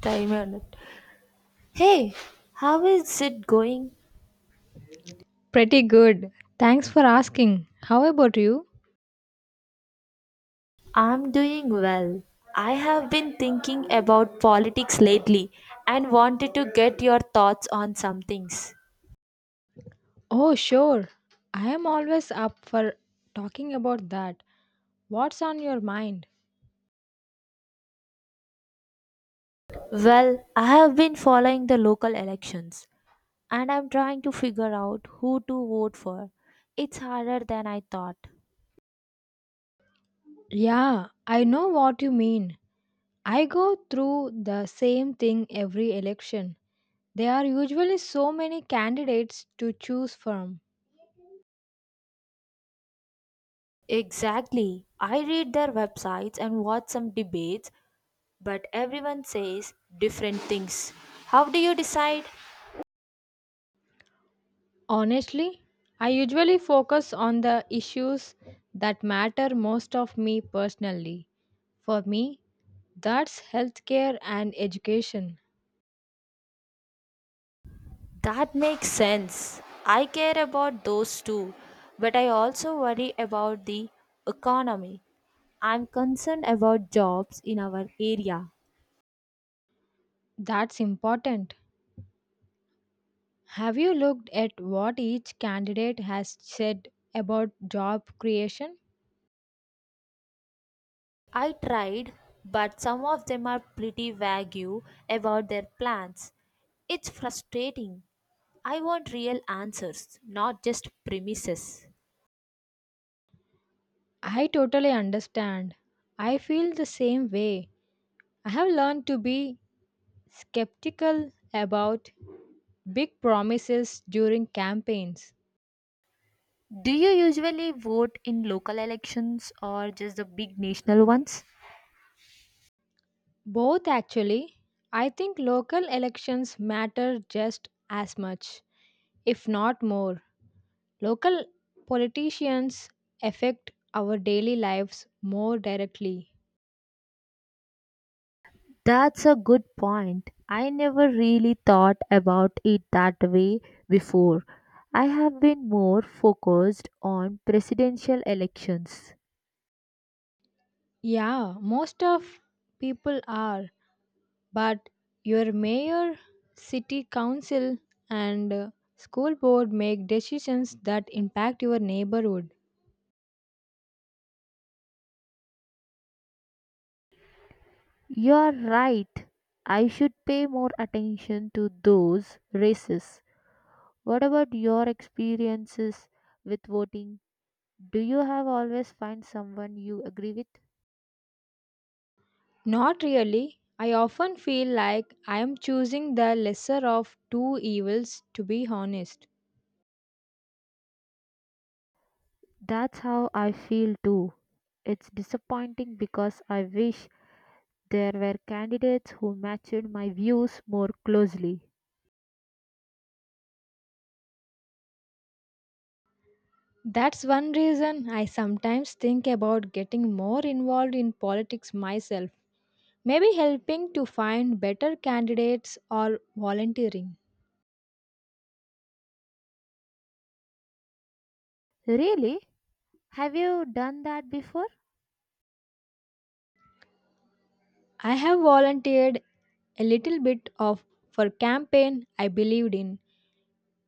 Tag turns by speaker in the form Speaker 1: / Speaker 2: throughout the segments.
Speaker 1: Timer. Hey, how is it going?
Speaker 2: Pretty good. Thanks for asking. How about you?
Speaker 1: I'm doing well. I have been thinking about politics lately and wanted to get your thoughts on some things.
Speaker 2: Oh, sure. I am always up for talking about that. What's on your mind?
Speaker 1: Well, I have been following the local elections and I'm trying to figure out who to vote for. It's harder than I thought.
Speaker 2: Yeah, I know what you mean. I go through the same thing every election. There are usually so many candidates to choose from.
Speaker 1: Exactly. I read their websites and watch some debates, but everyone says different things. How do you decide?
Speaker 2: Honestly, I usually focus on the issues that matter most of me personally. For me, that's healthcare and education.
Speaker 1: That makes sense. I care about those too, but I also worry about the economy. I'm concerned about jobs in our area.
Speaker 2: That's important. Have you looked at what each candidate has said about job creation?
Speaker 1: I tried, but some of them are pretty vague about their plans. It's frustrating. I want real answers, not just premises.
Speaker 2: I totally understand. I feel the same way. I have learned to be skeptical about big promises during campaigns.
Speaker 1: Do you usually vote in local elections or just the big national ones?
Speaker 2: Both, actually. I think local elections matter just as much, if not more. Local politicians affect our daily lives more directly.
Speaker 1: That's a good point. I never really thought about it that way before. I have been more focused on presidential elections.
Speaker 2: Yeah, most of people are, but your mayor, city council, and school board make decisions that impact your neighborhood.
Speaker 1: You're right. I should pay more attention to those races. What about your experiences with voting? Do you have always find someone you agree with?
Speaker 2: Not really. I often feel like I am choosing the lesser of two evils, to be honest.
Speaker 1: That's how I feel too. It's disappointing because I wish there were candidates who matched my views more closely.
Speaker 2: That's one reason I sometimes think about getting more involved in politics myself, maybe helping to find better candidates or volunteering.
Speaker 1: Really? Have you done that before?
Speaker 2: I have volunteered a little bit of for campaign I believed in.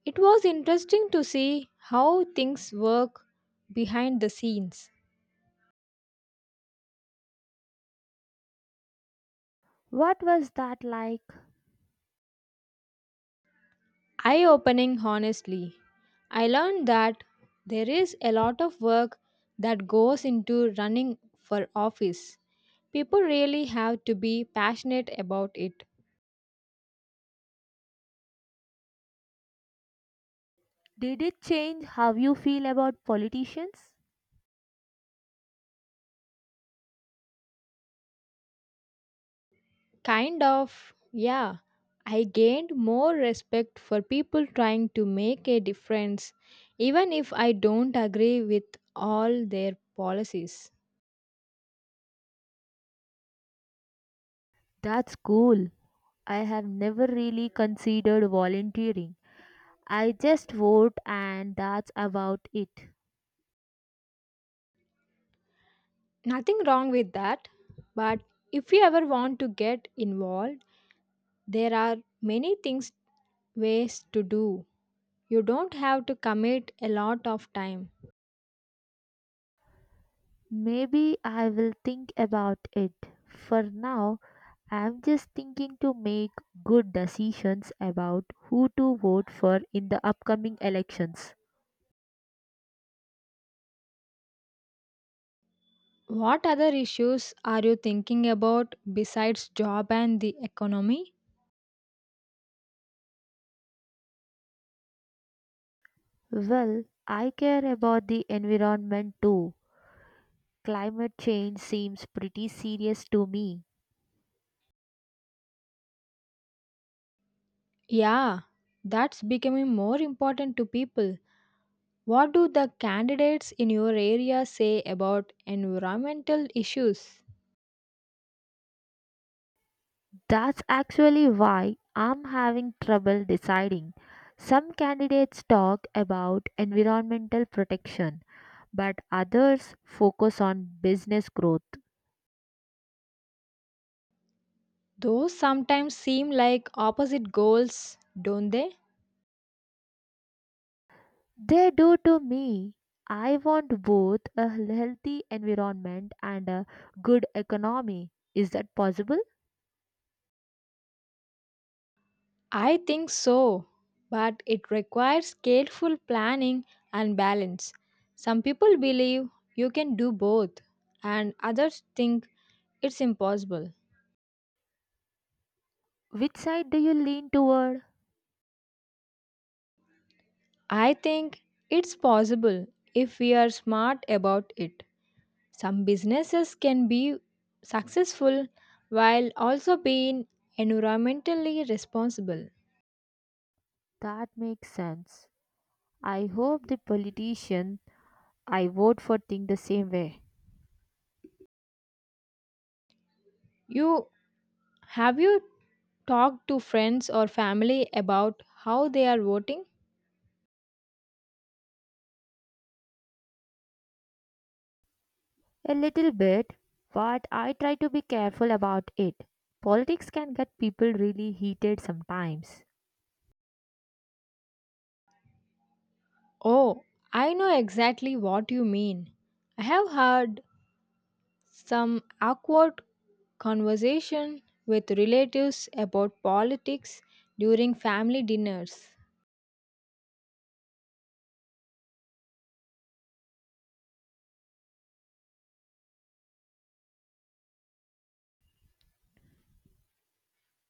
Speaker 2: It was interesting to see how things work behind the scenes.
Speaker 1: What was that like?
Speaker 2: Eye opening, honestly. I learned that there is a lot of work that goes into running for office. People really have to be passionate about it.
Speaker 1: Did it change how you feel about politicians?
Speaker 2: Kind of, yeah. I gained more respect for people trying to make a difference, even if I don't agree with all their policies.
Speaker 1: That's cool. I have never really considered volunteering. I just vote and that's about it.
Speaker 2: Nothing wrong with that, but if you ever want to get involved, there are many things ways to do. You don't have to commit a lot of time.
Speaker 1: Maybe I will think about it. For now, I'm just thinking to make good decisions about who to vote for in the upcoming elections.
Speaker 2: What other issues are you thinking about besides job and the economy?
Speaker 1: Well, I care about the environment too. Climate change seems pretty serious to me.
Speaker 2: Yeah, that's becoming more important to people. What do the candidates in your area say about environmental issues?
Speaker 1: That's actually why I'm having trouble deciding. Some candidates talk about environmental protection, but others focus on business growth.
Speaker 2: Those sometimes seem like opposite goals, don't they?
Speaker 1: They do to me. I want both a healthy environment and a good economy. Is that possible?
Speaker 2: I think so, but it requires careful planning and balance. Some people believe you can do both, and others think it's impossible.
Speaker 1: Which side do you lean toward?
Speaker 2: I think it's possible if we are smart about it. Some businesses can be successful while also being environmentally responsible.
Speaker 1: That makes sense. I hope the politician I vote for think the same way.
Speaker 2: You have you talked to friends or family about how they are voting?
Speaker 1: A little bit, but I try to be careful about it. Politics can get people really heated sometimes.
Speaker 2: Oh, I know exactly what you mean. I have had some awkward conversation with relatives about politics during family dinners.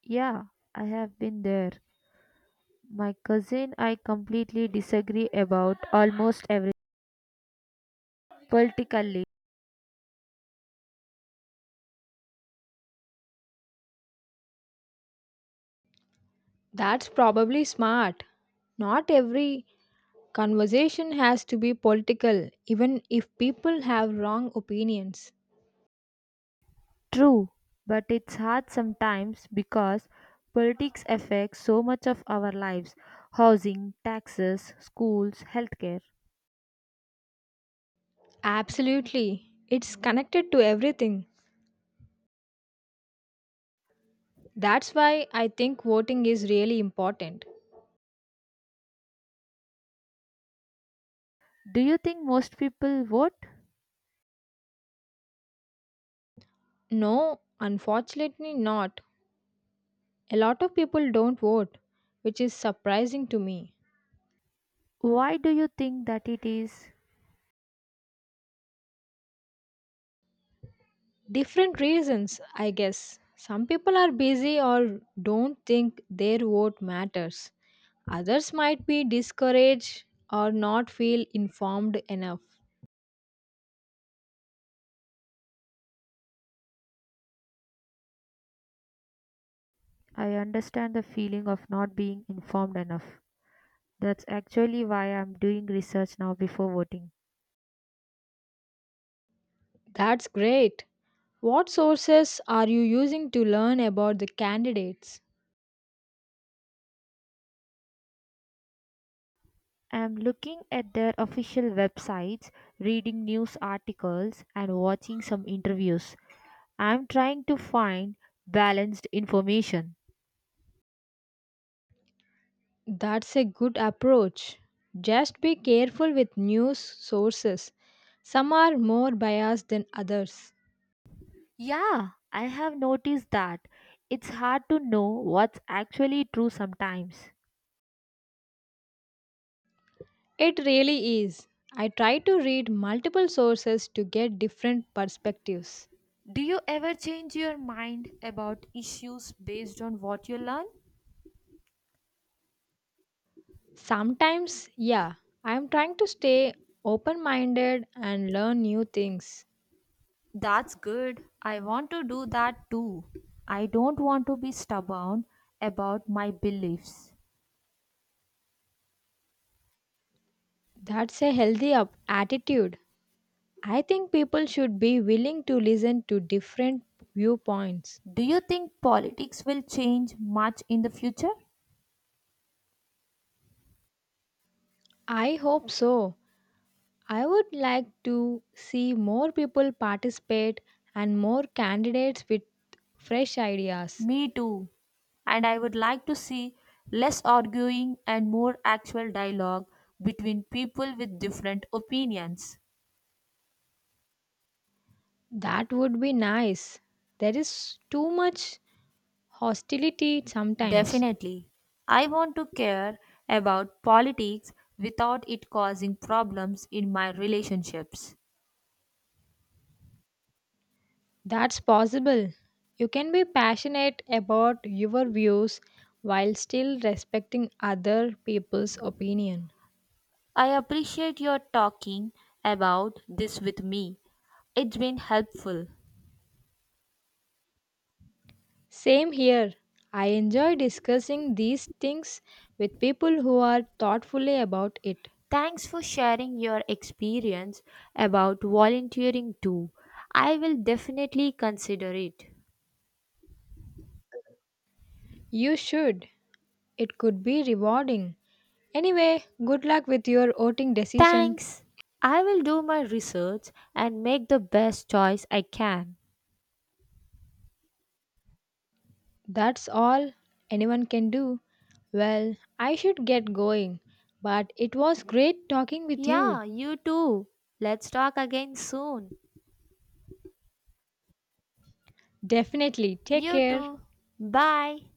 Speaker 1: Yeah, I have been there. My cousin I completely disagree about almost every politically.
Speaker 2: That's probably smart. Not every conversation has to be political, even if people have wrong opinions.
Speaker 1: True, but it's hard sometimes because politics affects so much of our lives, housing, taxes, schools, healthcare.
Speaker 2: Absolutely. It's connected to everything. That's why I think voting is really important.
Speaker 1: Do you think most people vote?
Speaker 2: No, unfortunately not. A lot of people don't vote, which is surprising to me.
Speaker 1: Why do you think that it is?
Speaker 2: Different reasons, I guess. Some people are busy or don't think their vote matters. Others might be discouraged or not feel informed enough.
Speaker 1: I understand the feeling of not being informed enough. That's actually why I'm doing research now before voting.
Speaker 2: That's great. What sources are you using to learn about the candidates?
Speaker 1: I'm looking at their official websites, reading news articles, and watching some interviews. I'm trying to find balanced information.
Speaker 2: That's a good approach. Just be careful with news sources. Some are more biased than others.
Speaker 1: Yeah, I have noticed that it's hard to know what's actually true sometimes.
Speaker 2: It really is. I try to read multiple sources to get different perspectives.
Speaker 1: Do you ever change your mind about issues based on what you learn?
Speaker 2: Sometimes, yeah, I am trying to stay open minded and learn new things.
Speaker 1: That's good. I want to do that too. I don't want to be stubborn about my beliefs.
Speaker 2: That's a healthy attitude. I think people should be willing to listen to different viewpoints.
Speaker 1: Do you think politics will change much in the future?
Speaker 2: I hope so. I would like to see more people participate and more candidates with fresh ideas.
Speaker 1: Me too. And I would like to see less arguing and more actual dialogue between people with different opinions.
Speaker 2: That would be nice. There is too much hostility sometimes.
Speaker 1: Definitely. I want to care about politics without it causing problems in my relationships.
Speaker 2: That's possible. You can be passionate about your views while still respecting other people's opinion.
Speaker 1: I appreciate your talking about this with me. It's been helpful.
Speaker 2: Same here. I enjoy discussing these things with people who are thoughtfully about it.
Speaker 1: Thanks for sharing your experience about volunteering too. I will definitely consider it.
Speaker 2: You should. It could be rewarding. Anyway, good luck with your voting decision.
Speaker 1: Thanks. I will do my research and make the best choice I can.
Speaker 2: That's all anyone can do. Well, I should get going, but it was great talking with you.
Speaker 1: Yeah, you too. Let's talk again soon.
Speaker 2: Definitely. Take
Speaker 1: You
Speaker 2: care.
Speaker 1: too. Bye.